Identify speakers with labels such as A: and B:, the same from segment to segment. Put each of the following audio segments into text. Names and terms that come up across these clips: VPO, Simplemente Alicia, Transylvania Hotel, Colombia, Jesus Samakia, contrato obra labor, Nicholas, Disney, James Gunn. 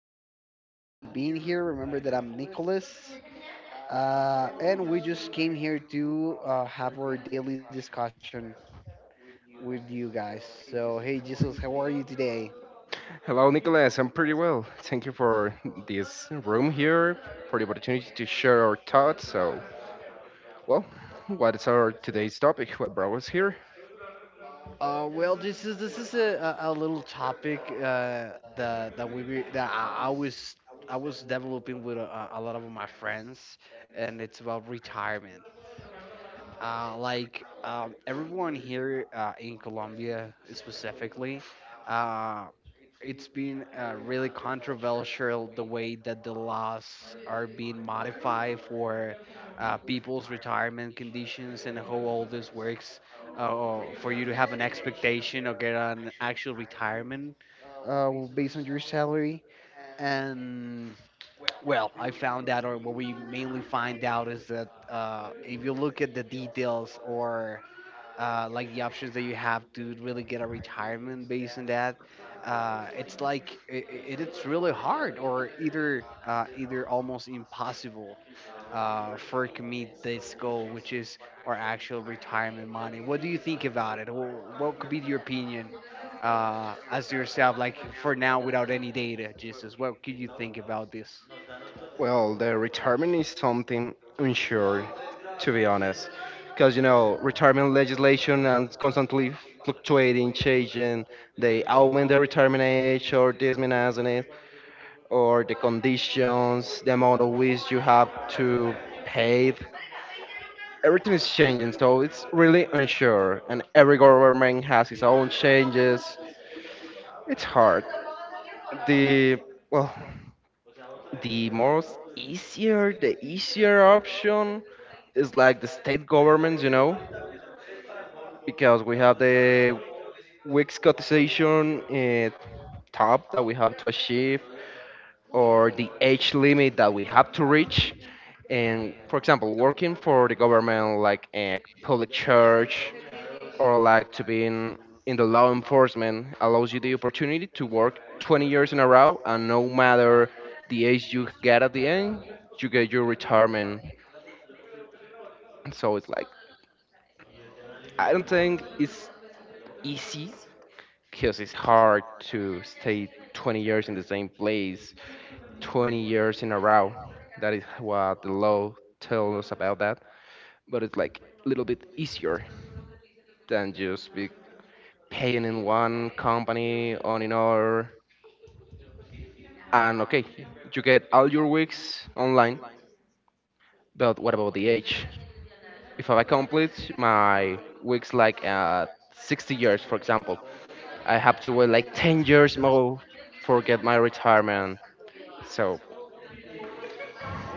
A: Samakia. Thank you for being here. Remember that I'm Nicholas, and we just came here to have our daily discussion with you guys. So, hey, Jesus, how are you today?
B: Hello, Nicholas. I'm pretty well. Thank you for this room here, for the opportunity to share our thoughts. So, well, what is our today's topic? What brought us here?
A: Well, this is a, a little topic that I was developing with a lot of my friends, and it's about retirement. Everyone here in Colombia specifically, uh, it's been really controversial the way that the laws are being modified for people's retirement conditions and how all this works for you to have an expectation or get an actual retirement based on your salary. And well, I found out, or what we mainly find out, is that if you look at the details or like the options that you have to really get a retirement based on that, it's like it's really hard, or either either almost impossible for it to meet this goal, which is our actual retirement money. What do you think about it? What could be your opinion as yourself, like for now, without any data, Jesus? What could you think about this?
B: Well, the retirement is something unsure, to be honest, because retirement legislation and constantly fluctuating, changing. They augment the retirement age or diminish it, or the conditions, the amount of which you have to pay. Everything is changing, so it's really unsure, and every government has its own changes. It's hard. The well, the easier option is like the state governments, because we have the weak cotization top that we have to achieve, or the age limit that we have to reach. And for example, working for the government, like a public church, or like to be in the law enforcement, allows you the opportunity to work 20 years in a row, and no matter the age you get at the end, you get your retirement. So it's like, I don't think it's easy because it's hard to stay 20 years in the same place 20 years in a row. That is what the law tells us about that. But it's like a little bit easier than just be paying in one company on another. And okay, you get all your weeks online. But what about the age? If I complete my weeks like at 60 years, for example, I have to wait like 10 years more for get my retirement. So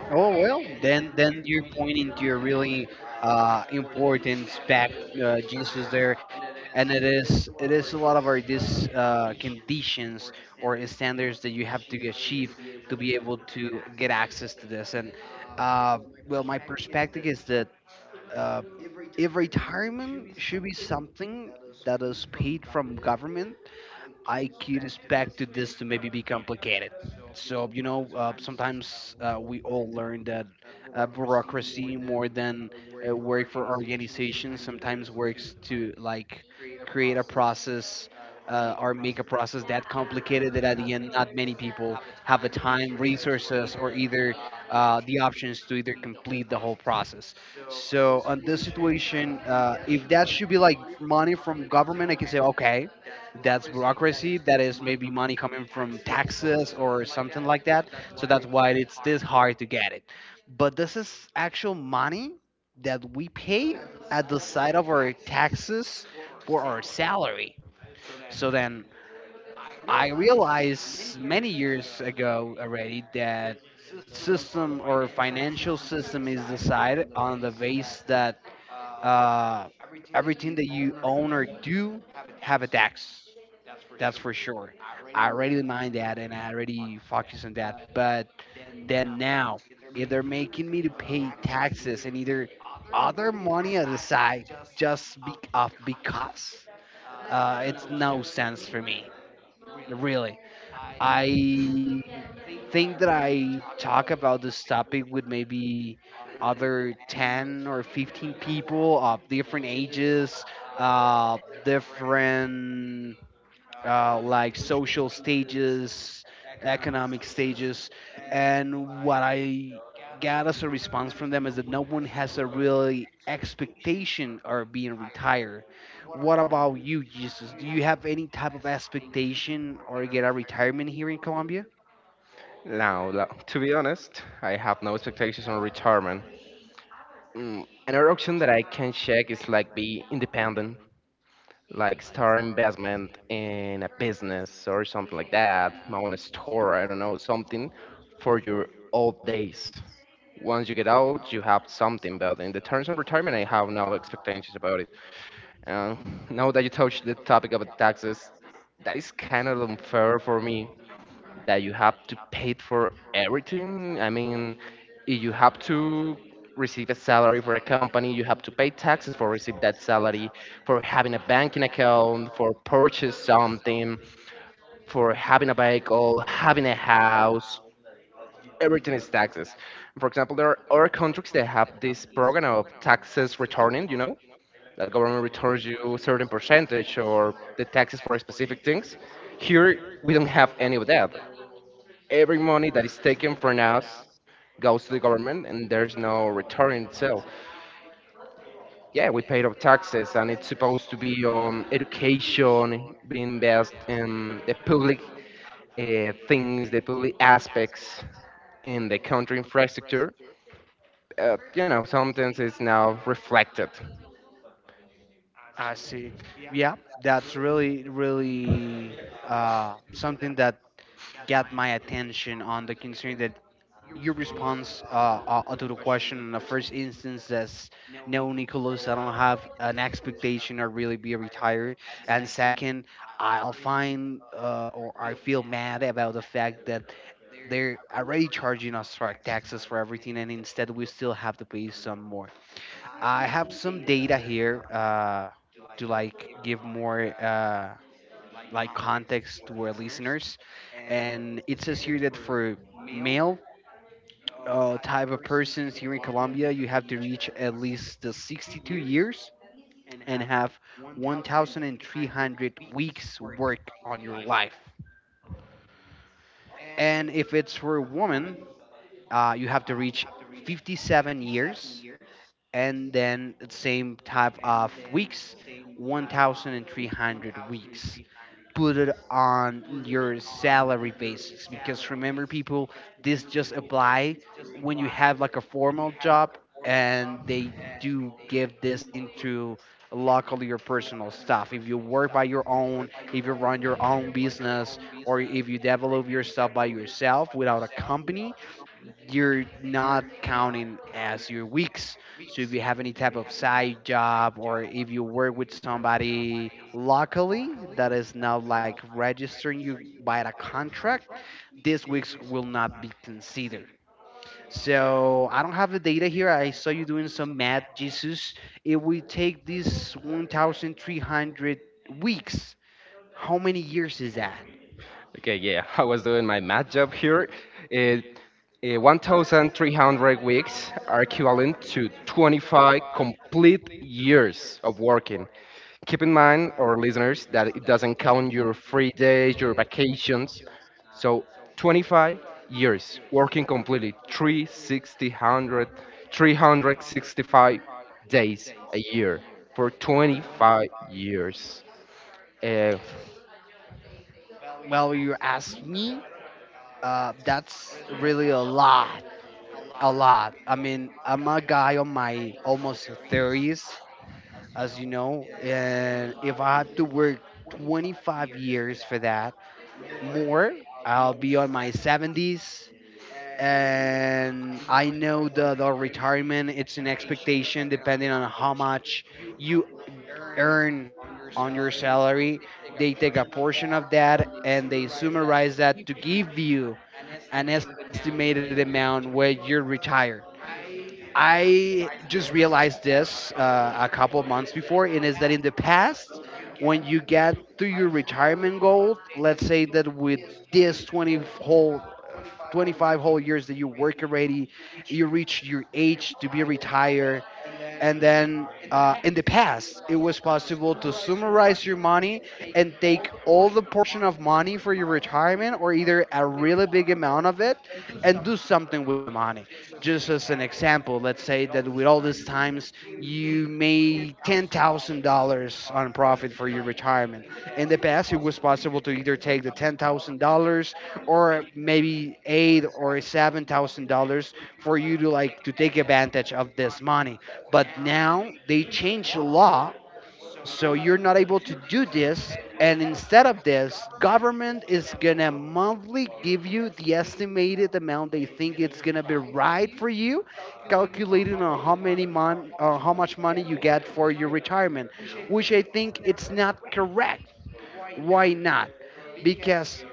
A: Oh well, then you're pointing to a really important spec Jesus there, and it is a lot of our these conditions or standards that you have to achieve to be able to get access to this. And uh, well, my perspective is that uh, if retirement should be something that is paid from government, I could expect this to maybe be complicated. So, you know, sometimes we all learn that bureaucracy more than work for organizations sometimes works to like create a process or make a process that complicated that at the end not many people have the time, resources, or either the options to either complete the whole process. So, on this situation, if that should be like money from government, I can say, okay, that's bureaucracy that is maybe money coming from taxes or something like that, so that's why it's this hard to get it. But this is actual money that we pay at the side of our taxes for our salary. So then I realized many years ago already that system or financial system is decided on the base that uh, everything that you own or do have a tax. That's for sure. I already mind that and I already focus on that. But then now, if they're making me to pay taxes and either other money at the side, just be off, because it's no sense for me. Really, I think that I talk about this topic with maybe other 10 or 15 people of different ages, uh, different like social stages, economic stages, and what I got as a response from them is that no one has a really expectation of being retired. What about you, Jesus? Do you have any type of expectation or get a retirement here in Colombia?
B: Now, to be honest, I have no expectations on retirement. Another option that I can check is like be independent, like start investment in a business or something like that, own a store, I don't know, something for your old days. Once you get out, you have something, but in the terms of retirement, I have no expectations about it. Uh, Now that you touched the topic about taxes, that is kind of unfair for me that you have to pay for everything. I mean, if you have to receive a salary for a company, you have to pay taxes for receive that salary, for having a banking account, for purchase something, for having a vehicle, having a house. Everything is taxes. For example, there are other countries that have this program of taxes returning. That government returns you a certain percentage or the taxes for specific things. Here we don't have any of that. Every money that is taken from us goes to the government and there's no return. So, yeah, we paid our taxes and it's supposed to be on education, being invest in the public things, the public aspects in the country infrastructure. Sometimes it's now reflected.
A: I see. Yeah, that's really, really something that got my attention on the concern that your response to the question in the first instance, that's no, Nicholas, I don't have an expectation or really be retired. And second, I'll find or I feel mad about the fact that they're already charging us for our taxes for everything and instead we still have to pay some more. I have some data here to like give more like context to our listeners, and it says here that for male type of persons here in Colombia, you have to reach at least the 62 years and have 1,300 weeks work on your life. And if it's for a woman, you have to reach 57 years and then the same type of weeks, 1,300 weeks. Put it on your salary basis, because remember people, this just apply when you have like a formal job, and they do give this into luckily your personal stuff. If you work by your own, if you run your own business, or if you develop yourself by yourself without a company, you're not counting as your weeks. So if you have any type of side job or if you work with somebody locally that is now like registering you by a contract, these weeks will not be considered. So I don't have the data here. I saw you doing some math, Jesus. If we take these 1,300 weeks, how many years is that?
B: Okay, yeah, I was doing my math job here. Uh, 1,300 weeks are equivalent to 25 complete years of working. Keep in mind, our listeners, that it doesn't count your free days, your vacations. So 25 years working completely, 360, 365 days a year for 25 years. Uh,
A: Well, you ask me, that's really a lot. A lot. I mean, I'm a guy on my almost 30s, as you know, and if I have to work 25 years for that, more, I'll be on my 70s. And I know the retirement, it's an expectation depending on how much you earn on your salary. They take a portion of that and they summarize that to give you an estimated amount where you retire. I just realized this a couple of months before, and is that in the past, when you get to your retirement goal, let's say that with this 20 whole, 25 whole years that you work already, you reach your age to be retired, and then in the past, it was possible to summarize your money and take all the portion of money for your retirement or either a really big amount of it and do something with the money. Just as an example, let's say that with all these times you made $10,000 on profit for your retirement. In the past, it was possible to either take the $10,000 or maybe eight or $7,000 for you to like to take advantage of this money. But now they changed the law, so you're not able to do this. And instead of this, government is gonna monthly give you the estimated amount they think it's gonna be right for you, calculating on how many how much money you get for your retirement, which I think it's not correct. Why not? Because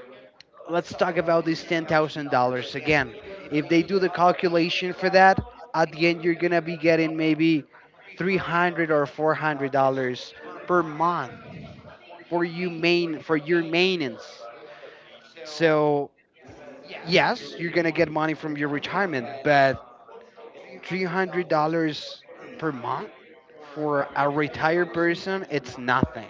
A: let's talk about this $10,000 again. If they do the calculation for that, at the end you're going to be getting maybe 300 or $400 per month for your maintenance. So, yes, you're going to get money from your retirement, but $300 per month for a retired person, it's nothing.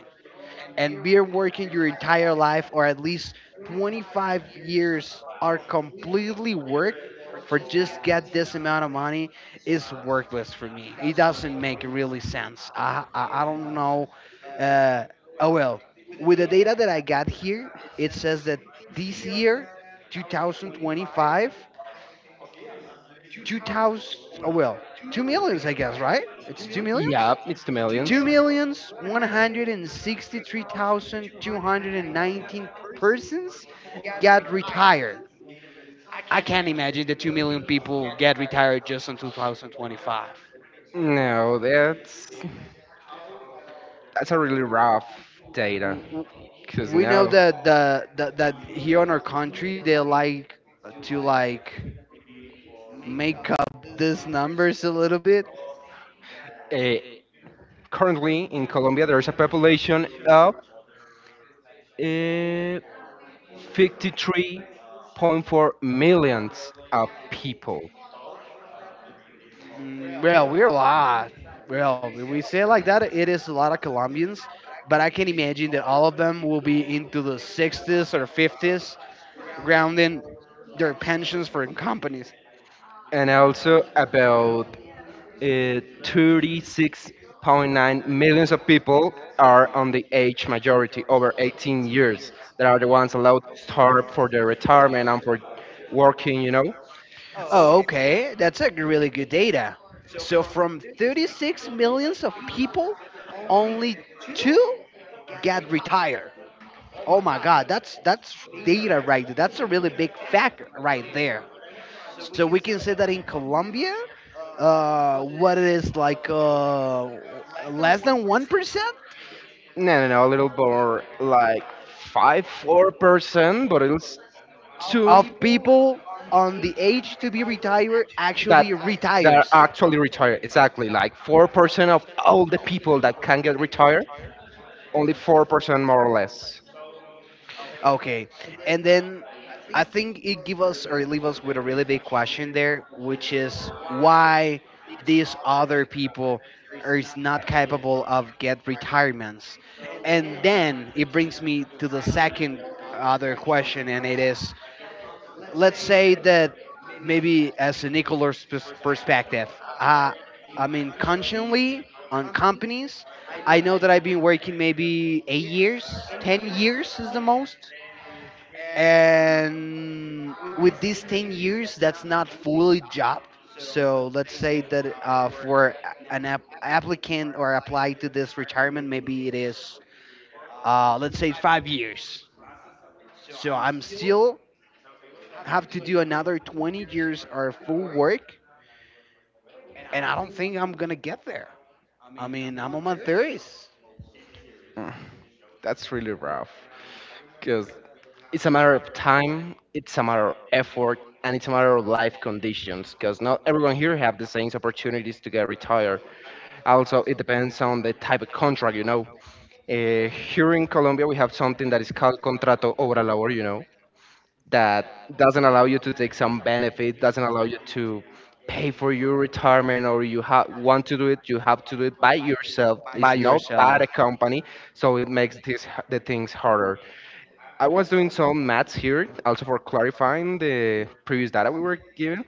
A: And beer working your entire life, or at least 25 years are completely work, for just get this amount of money is worthless for me. It doesn't make really sense. I don't know. Uh, oh well, with the data that I got here, it says that this year, 2025, 2000. Oh well, two millions I guess, right? It's two millions.
B: yeah, it's the millions.
A: Two millions 163,219 persons got retired. I can't imagine the 2 million people get retired just in 2025.
B: No, that's a really rough data.
A: W- w-
B: Because
A: We know
B: now,
A: that that that here in our country they like to like make up these numbers a little bit.
B: uh, currently in Colombia, there's a population of uh, 53.4 millions of people,
A: Mm, well, we're a lot. Well, if we say it like that, it is a lot of Colombians, but I can imagine that all of them will be into the 60s or 50s, grounding their pensions for companies.
B: and also about 36.9 millions of people are on the age majority over 18 years that are the ones allowed to start for their retirement and for working.
A: Oh, okay, that's a really good data. So from 36 millions of people, only two got retired. Oh my God, that's data right. there. That's a really big fact right there. So we can say that in Colombia, what it is like less than 1%
B: No, no, no, a little more like five, 4%, but it's two
A: of
B: people
A: people on the age to be retired
B: that
A: actually
B: that are
A: retires.
B: actually retired. Exactly, like 4% of all the people that can get retired, only 4% more or less.
A: Okay, and then I think it give us or it leave us with a really big question there, which is why these other people are is not capable of get retirements, and then it brings me to the second other question, and it is let's say that maybe as a Nicholas perspective, uh, I mean consciously on companies. I know that I've been working maybe 8 years, 10 years is the most, and with these 10 years that's not fully job. So let's say that for applicant or apply to this retirement maybe it is let's say 5 years. So I'm still have to do another 20 years or full work, and I don't think I'm gonna get there. I mean, I'm on my 30s.
B: Mm, That's really rough, because it's a matter of time, it's a matter of effort, and it's a matter of life conditions. Because not everyone here have the same opportunities to get retired. Also, it depends on the type of contract, you know. Here in Colombia, we have something that is called contrato obra labor, that doesn't allow you to take some benefit, doesn't allow you to pay for your retirement or you want to do it, you have to do it by yourself. It's
A: By
B: not by
A: yourself.
B: the company, so it makes this, the things harder. I was doing some maths here, also for clarifying the previous data we were given.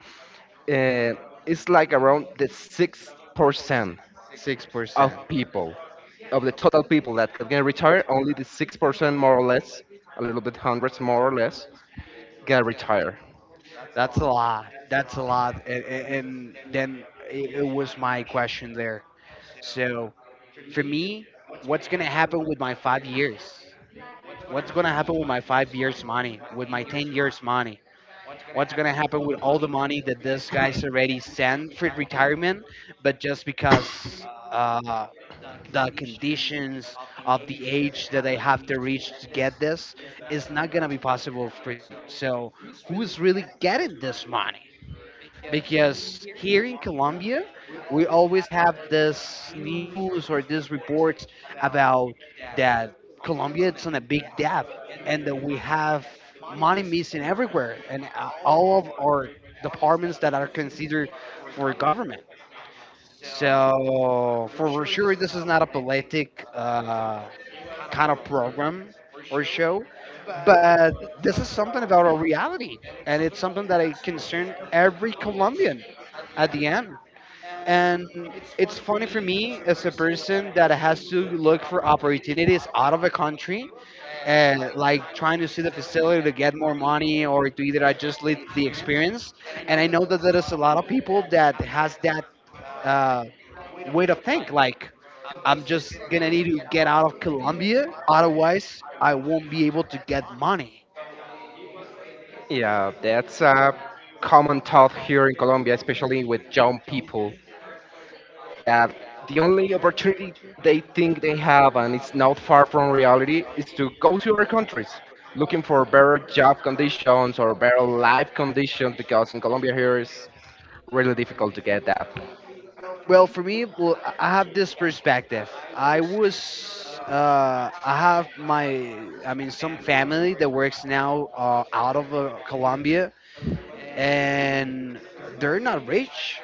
B: Uh, it's like around the 6% of
A: 6%.
B: people, of the total people that can get retired, only the 6%, more or less, a little bit hundreds, more or less, get retired.
A: That's a lot. That's a lot. And then it was my question there. So for me, what's gonna happen with my 5 years? What's gonna happen with my 5 years money? With my 10 years money? What's gonna happen with all the money that this guy's already sent for retirement? But just because the conditions of the age that they have to reach to get this is not gonna be possible for them. So who's really getting this money? Because here in Colombia, we always have this news or these reports about that Colombia it's on a big debt, and that we have money missing everywhere, and all of our departments that are considered for government. So for sure, this is not a politic. Kind of program or show, but this is something about our reality, and it's something that I concern every Colombian at the end, and it's funny for me as a person that has to look for opportunities out of a country and like trying to see the facility to get more money or to either I just live the experience. And I know that there is a lot of people that has that uh, way to think. Like I'm just gonna need to get out of Colombia, otherwise I won't be able to get money.
B: Yeah, that's a common thought here in Colombia, especially with young people, that the only opportunity they think they have, and it's not far from reality, is to go to other countries looking for better job conditions or better life conditions because in Colombia here is really difficult to get that.
A: Well, for me, well, I have this perspective. I was, I have my, I mean, some family that works now out of Colombia, and they're not rich.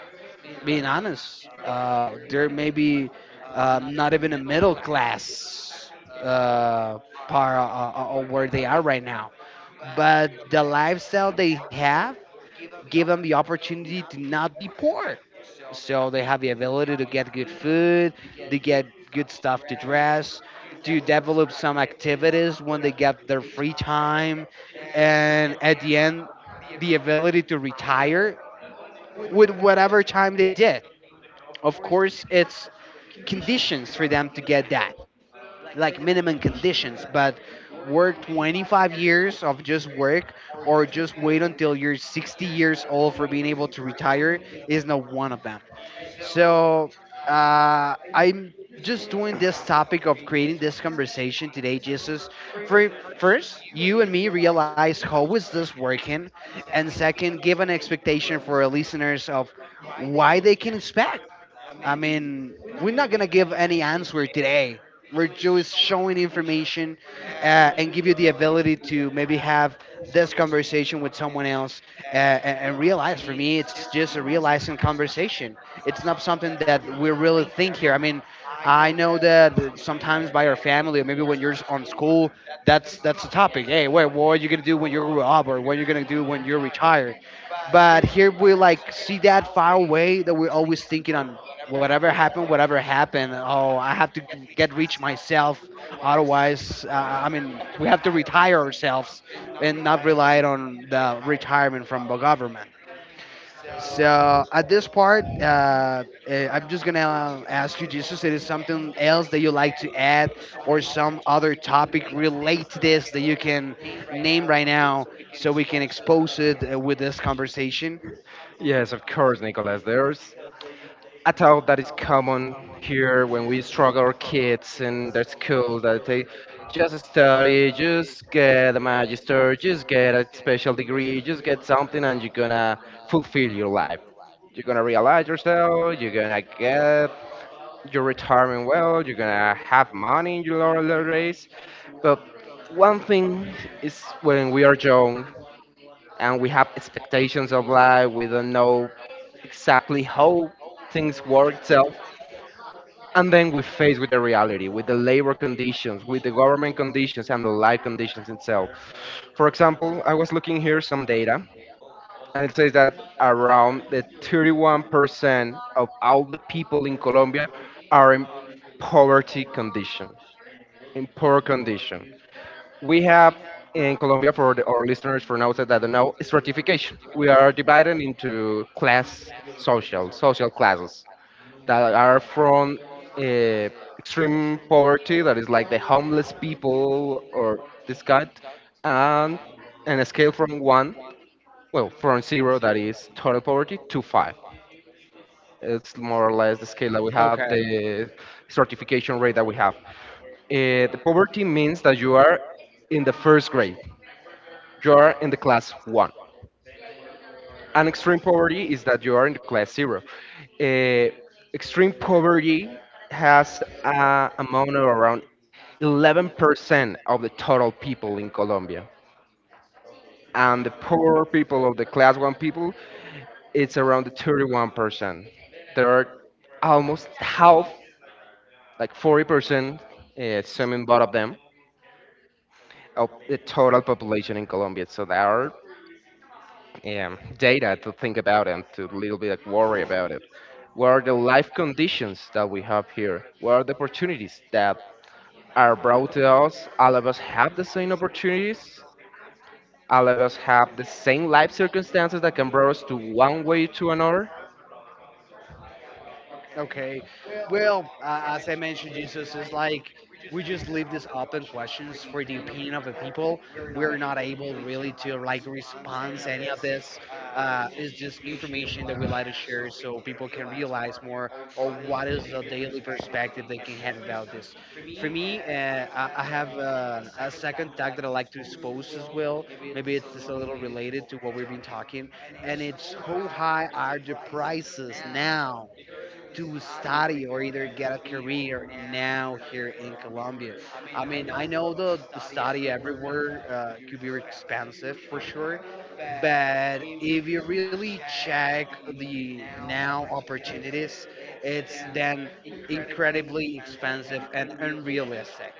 A: Being honest, they're maybe not even a middle class uh, part of where they are right now, but the lifestyle they have give them the opportunity to not be poor. So they have the ability to get good food, to get good stuff to dress, to develop some activities when they get their free time, and at the end, the ability to retire with whatever time they did. Of course, it's conditions for them to get that like minimum conditions, but work 25 years of just work or just wait until you're 60 years old for being able to retire is not one of them. So I'm just doing this topic of creating this conversation today, Jesus. For first, you and me realize how is this working, and second, give an expectation for our listeners of why they can expect. I mean, we're not gonna give any answer today. We're just showing information and give you the ability to maybe have this conversation with someone else and realize. For me, it's just a realizing conversation. It's not something that we really think here. I mean, I know that sometimes by our family or maybe when you're on school, that's the topic. Hey, wait, what are you gonna do when you grow up, or what are you gonna do when you're retired? But here we like see that far away that we're always thinking on whatever happened, whatever happened. Oh, I have to get rich myself. Otherwise, I mean, we have to retire ourselves and not rely on the retirement from the government. So at this part, I'm just gonna ask you, Jesus, it is something else that you like to add, or some other topic relate to this that you can name right now, so we can expose it with this conversation.
B: Yes, of course, Nicolas. There's a thought that is common here when we struggle our kids in their school that they just study, just get a magister, just get a special degree, just get something and you're gonna fulfill your life. You're gonna realize yourself, you're gonna get your retirement well, you're gonna have money in your laurel days. But one thing is when we are young and we have expectations of life. We don't know exactly how things work itself. And then we face with the reality, with the labor conditions, with the government conditions, and the life conditions itself. For example, I was looking here some data, and it says that around the 31% of all the people in Colombia are in poverty condition, in poor condition we have in Colombia, for our listeners for now, that don't know, stratification. We are divided into class social, social classes that are from uh, extreme poverty, that is like the homeless people or this kind, and, and a scale from one, well, from zero, that is total poverty, to five. It's more or less the scale that we have, the stratification rate that we have. The poverty means that you are in the first grade, you are in the class one. And extreme poverty is that you are in the class zero. Uh, Extreme poverty has a amount of around 11% of the total people in Colombia. And the poor people of the class one people, it's around the 31%. There are almost half, like 40%, some in both of them, of the total population in Colombia. So there are, yeah, data to think about and to a little bit like worry about it. What are the life conditions that we have here? What are the opportunities that are brought to us? All of us have the same opportunities. All of us have the same life circumstances that can bring us to one way to another.
A: Okay. Well, as I mentioned, Jesus is like we just leave this open questions for the opinion of the people. We're not able really to like respond to any of this. It's just information that we like to share so people can realize more or what is the daily perspective they can have about this. For me, I have a second tag that I like to expose as well. Maybe it's just a little related to what we've been talking, and it's how high are the prices now to study or either get a career now here in Colombia. I mean, I know the study everywhere could be expensive for sure, but if you really check the now opportunities, it's then incredibly expensive and unrealistic.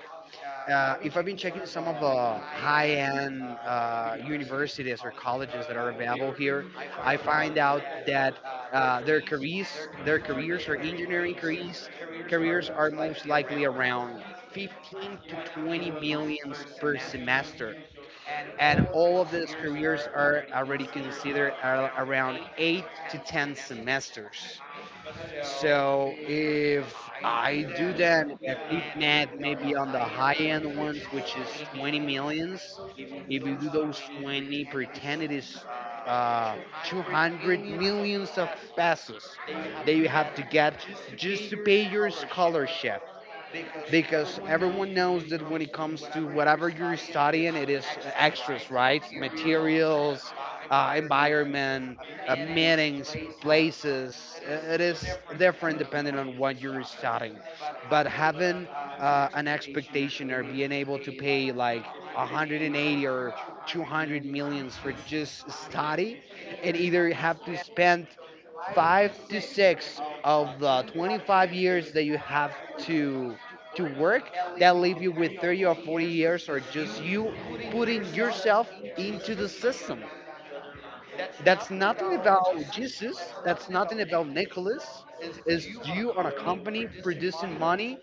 A: If I've been checking some of the high-end universities or colleges that are available here, I find out that their careers or engineering careers, careers are most likely around 15 to 20 millions per semester, and all of these careers are already considered around eight to 10 semesters. So if I do that, a quick math maybe on the high end ones, which is 20 millions. If you do those 20, pretend it is uh, 200 millions of pesos that you have to get just to pay your scholarship, because everyone knows that when it comes to whatever you're studying, it is extras, right? Materials, environment, meetings, places. It is different depending on what you're studying. But having an expectation or being able to pay like 180 or 200 millions for just study, and either have to spend five to six of the 25 years that you have to work, that leave you with 30 or 40 years or just you putting yourself into the system. That's nothing about Jesus. That's nothing about Nicholas. It's you on a company producing money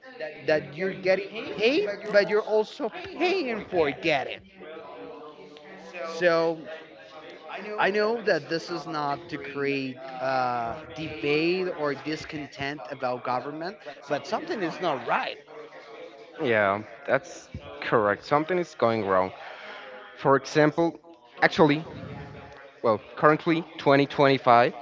A: that you're getting paid, but you're also paying for getting. So I know that this is not to create debate or discontent about government, but something is not right.
B: Yeah, that's correct. Something is going wrong. For example, actually, well, currently 2025,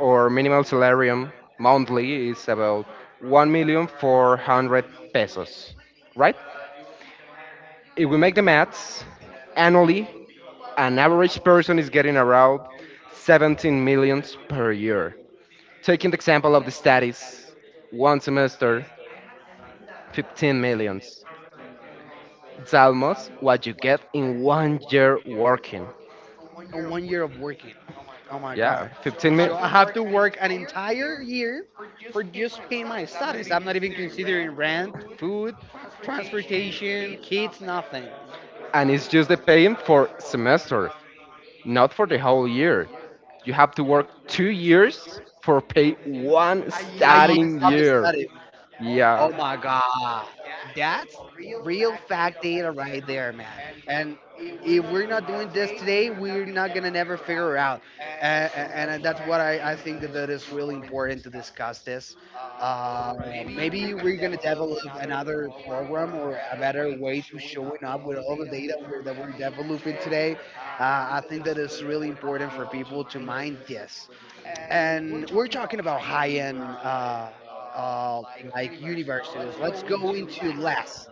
B: our minimal salarium monthly is about 1,400 pesos, right? If we make the maths, annually, an average person is getting around 17 millions per year. Taking the example of the studies, one semester, 15 millions. It's almost what you get in one year working.
A: On 1 year of working. Oh my
B: Yeah,
A: god.
B: so 15
A: So
B: minutes.
A: I have to work an entire year for just paying my studies. I'm not even considering rent, food, transportation, kids, nothing.
B: And it's just the paying for semester, not for the whole year. You have to work 2 years for pay one
A: A year
B: starting
A: of
B: year.
A: studies.
B: Oh
A: Oh
B: Yeah.
A: my god, that's real fact data right there, man. And if we're not doing this today, we're not gonna never figure it out. And That's what I think that, that is really important to discuss this. Uh, Maybe we're gonna develop another program or a better way to showing up with all the data that we're developing today. I think that it's really important for people to mind this, and we're talking about high end uh, like universities. Let's go into less.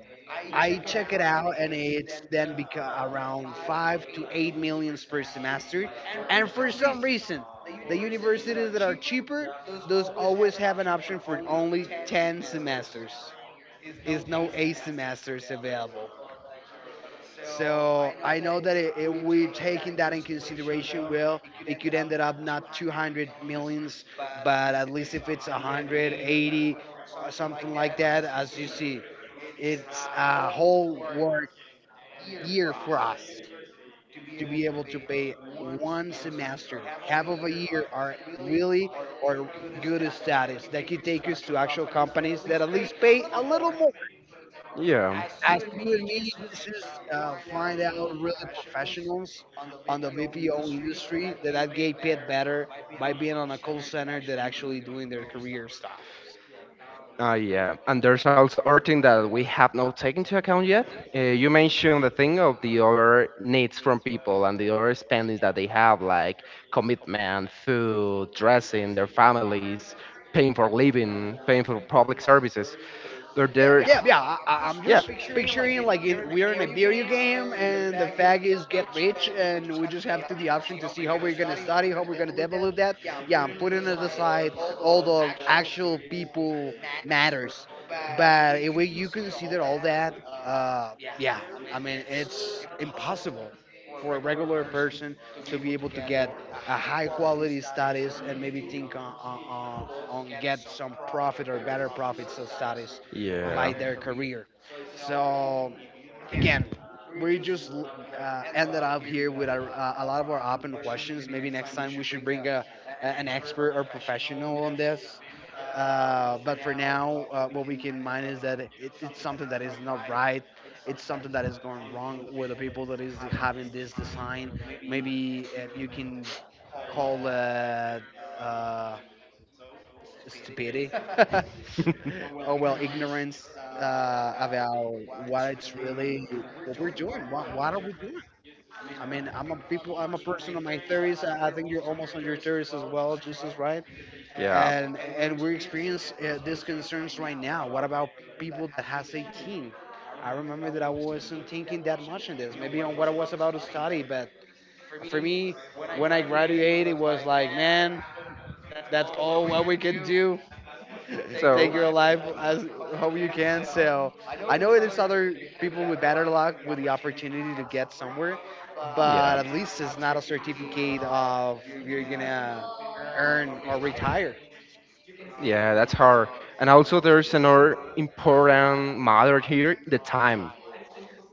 A: I check it out, and it's then around five to eight millions per semester. And for some reason, the universities that are cheaper, those always have an option for only ten semesters. Is no eight semesters available. So I know that if we're taking that in consideration, well, it could end up not 200 millions, but at least if it's 180 or something like that, as you see, it's a whole work year for us to be able to pay one semester, half of a year, are really or good studies that could take us to actual companies that at least pay a little more,
B: Yeah.
A: as you and me just find out really professionals on the VPO industry that get paid better by being on a call center than actually doing their career stuff.
B: Yeah, and there's also other thing that we have not taken into account yet. You mentioned the thing of the other needs from people and the other spendings that they have, like commitment, food, dressing, their families, paying for living, paying for public services. There's,
A: Yeah, yeah. I'm
B: yeah,
A: just picturing like in we're in a video game, and the fact is get rich, and we just have to the option to see how we're gonna study, how we're gonna develop that. Yeah, I'm putting it aside all the actual people matters, but if we, you consider all that, yeah, I mean it's impossible for a regular person to be able to get a high quality status and maybe think on get some profit or better profits or status
B: yeah,
A: by their career. So again, we just ended up here with our, a lot of our open questions. Maybe next time we should bring an expert or professional on this, but for now, what we can mind is that it's something that is not right. It's something that is going wrong with the people that is having this design. Maybe you can call uh, stupidity or well ignorance about what it's really what we're doing. What are we doing? I mean, I'm a people. I'm a person in my thirties. I think you're almost on your thirties as well, Jesus, right?
B: yeah.
A: And we experience these concerns right now. What about people that has 18? I remember that I wasn't thinking that much in this, maybe on what I was about to study. But for me, when I graduated, it was like, man, that's all what we can do.
B: So,
A: Take your life as how you can. So I
B: So
A: know it is other people with better luck with the opportunity to get somewhere,
B: yeah.
A: but at least it's not a certificate of you're gonna earn or retire
B: Yeah, that's hard. And also, there's another important matter here, the time.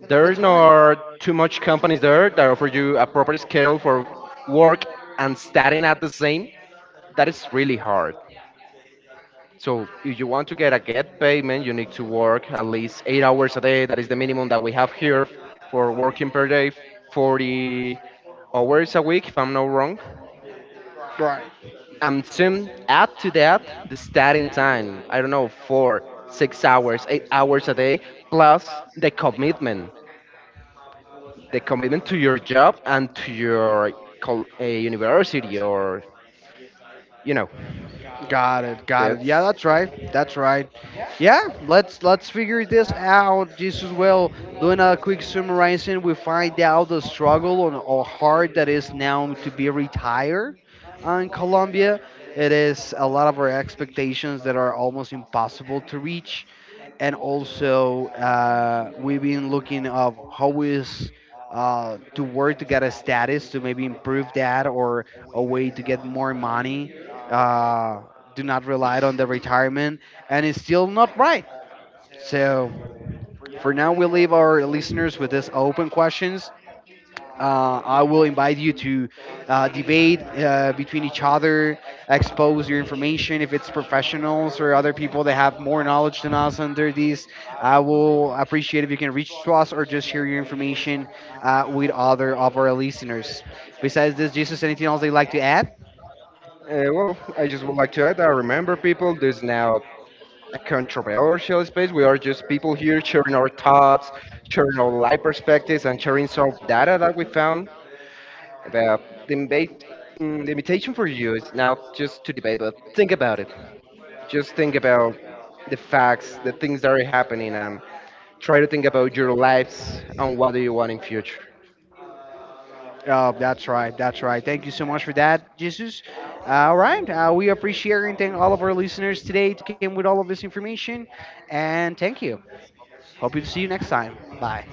A: the
B: There time.
A: time.
B: Are not too much companies there that offer you a proper schedule for work and studying at the same. That is really hard. So if you want to get payment, you need to work at least 8 hours a day. That is the minimum that we have here for working per day, 40 hours a week, if I'm not wrong.
A: Right.
B: And soon add to that the starting time. I don't know, four, 6 hours, 8 hours a day, plus the commitment, to your job and to your a university or you know,
A: Got it. Got it.
B: that's
A: Yeah, that's right. That's right. Yeah, let's figure this out. Just as well, doing a quick summarizing, we find out the struggle on or hard that is now to be retired in Colombia. It is a lot of our expectations that are almost impossible to reach, and also we've been looking of how is to work to get a status to maybe improve that or a way to get more money uh, do not rely on the retirement, and it's still not right. So for now, we leave our listeners with this open questions. I will invite you to debate between each other, expose your information if it's professionals or other people that have more knowledge than us under these. I will appreciate if you can reach to us or just share your information with other of our listeners. Besides this, Jesus, anything else they'd like to add?
B: Well, I just would like to add. I remember people. There's now a controversial space. We are just people here sharing our thoughts, sharing our life perspectives, and sharing some data that we found. About the debate, the invitation for you is now just to debate, but think about it. Just think about the facts, the things that are happening, and try to think about your lives and what do you want in future.
A: Oh, that's right. That's right. Thank you so much for that, Jesus. All right. We appreciate and thank all of our listeners today to came with all of this information. And thank you. Hope you to see you next time. Bye.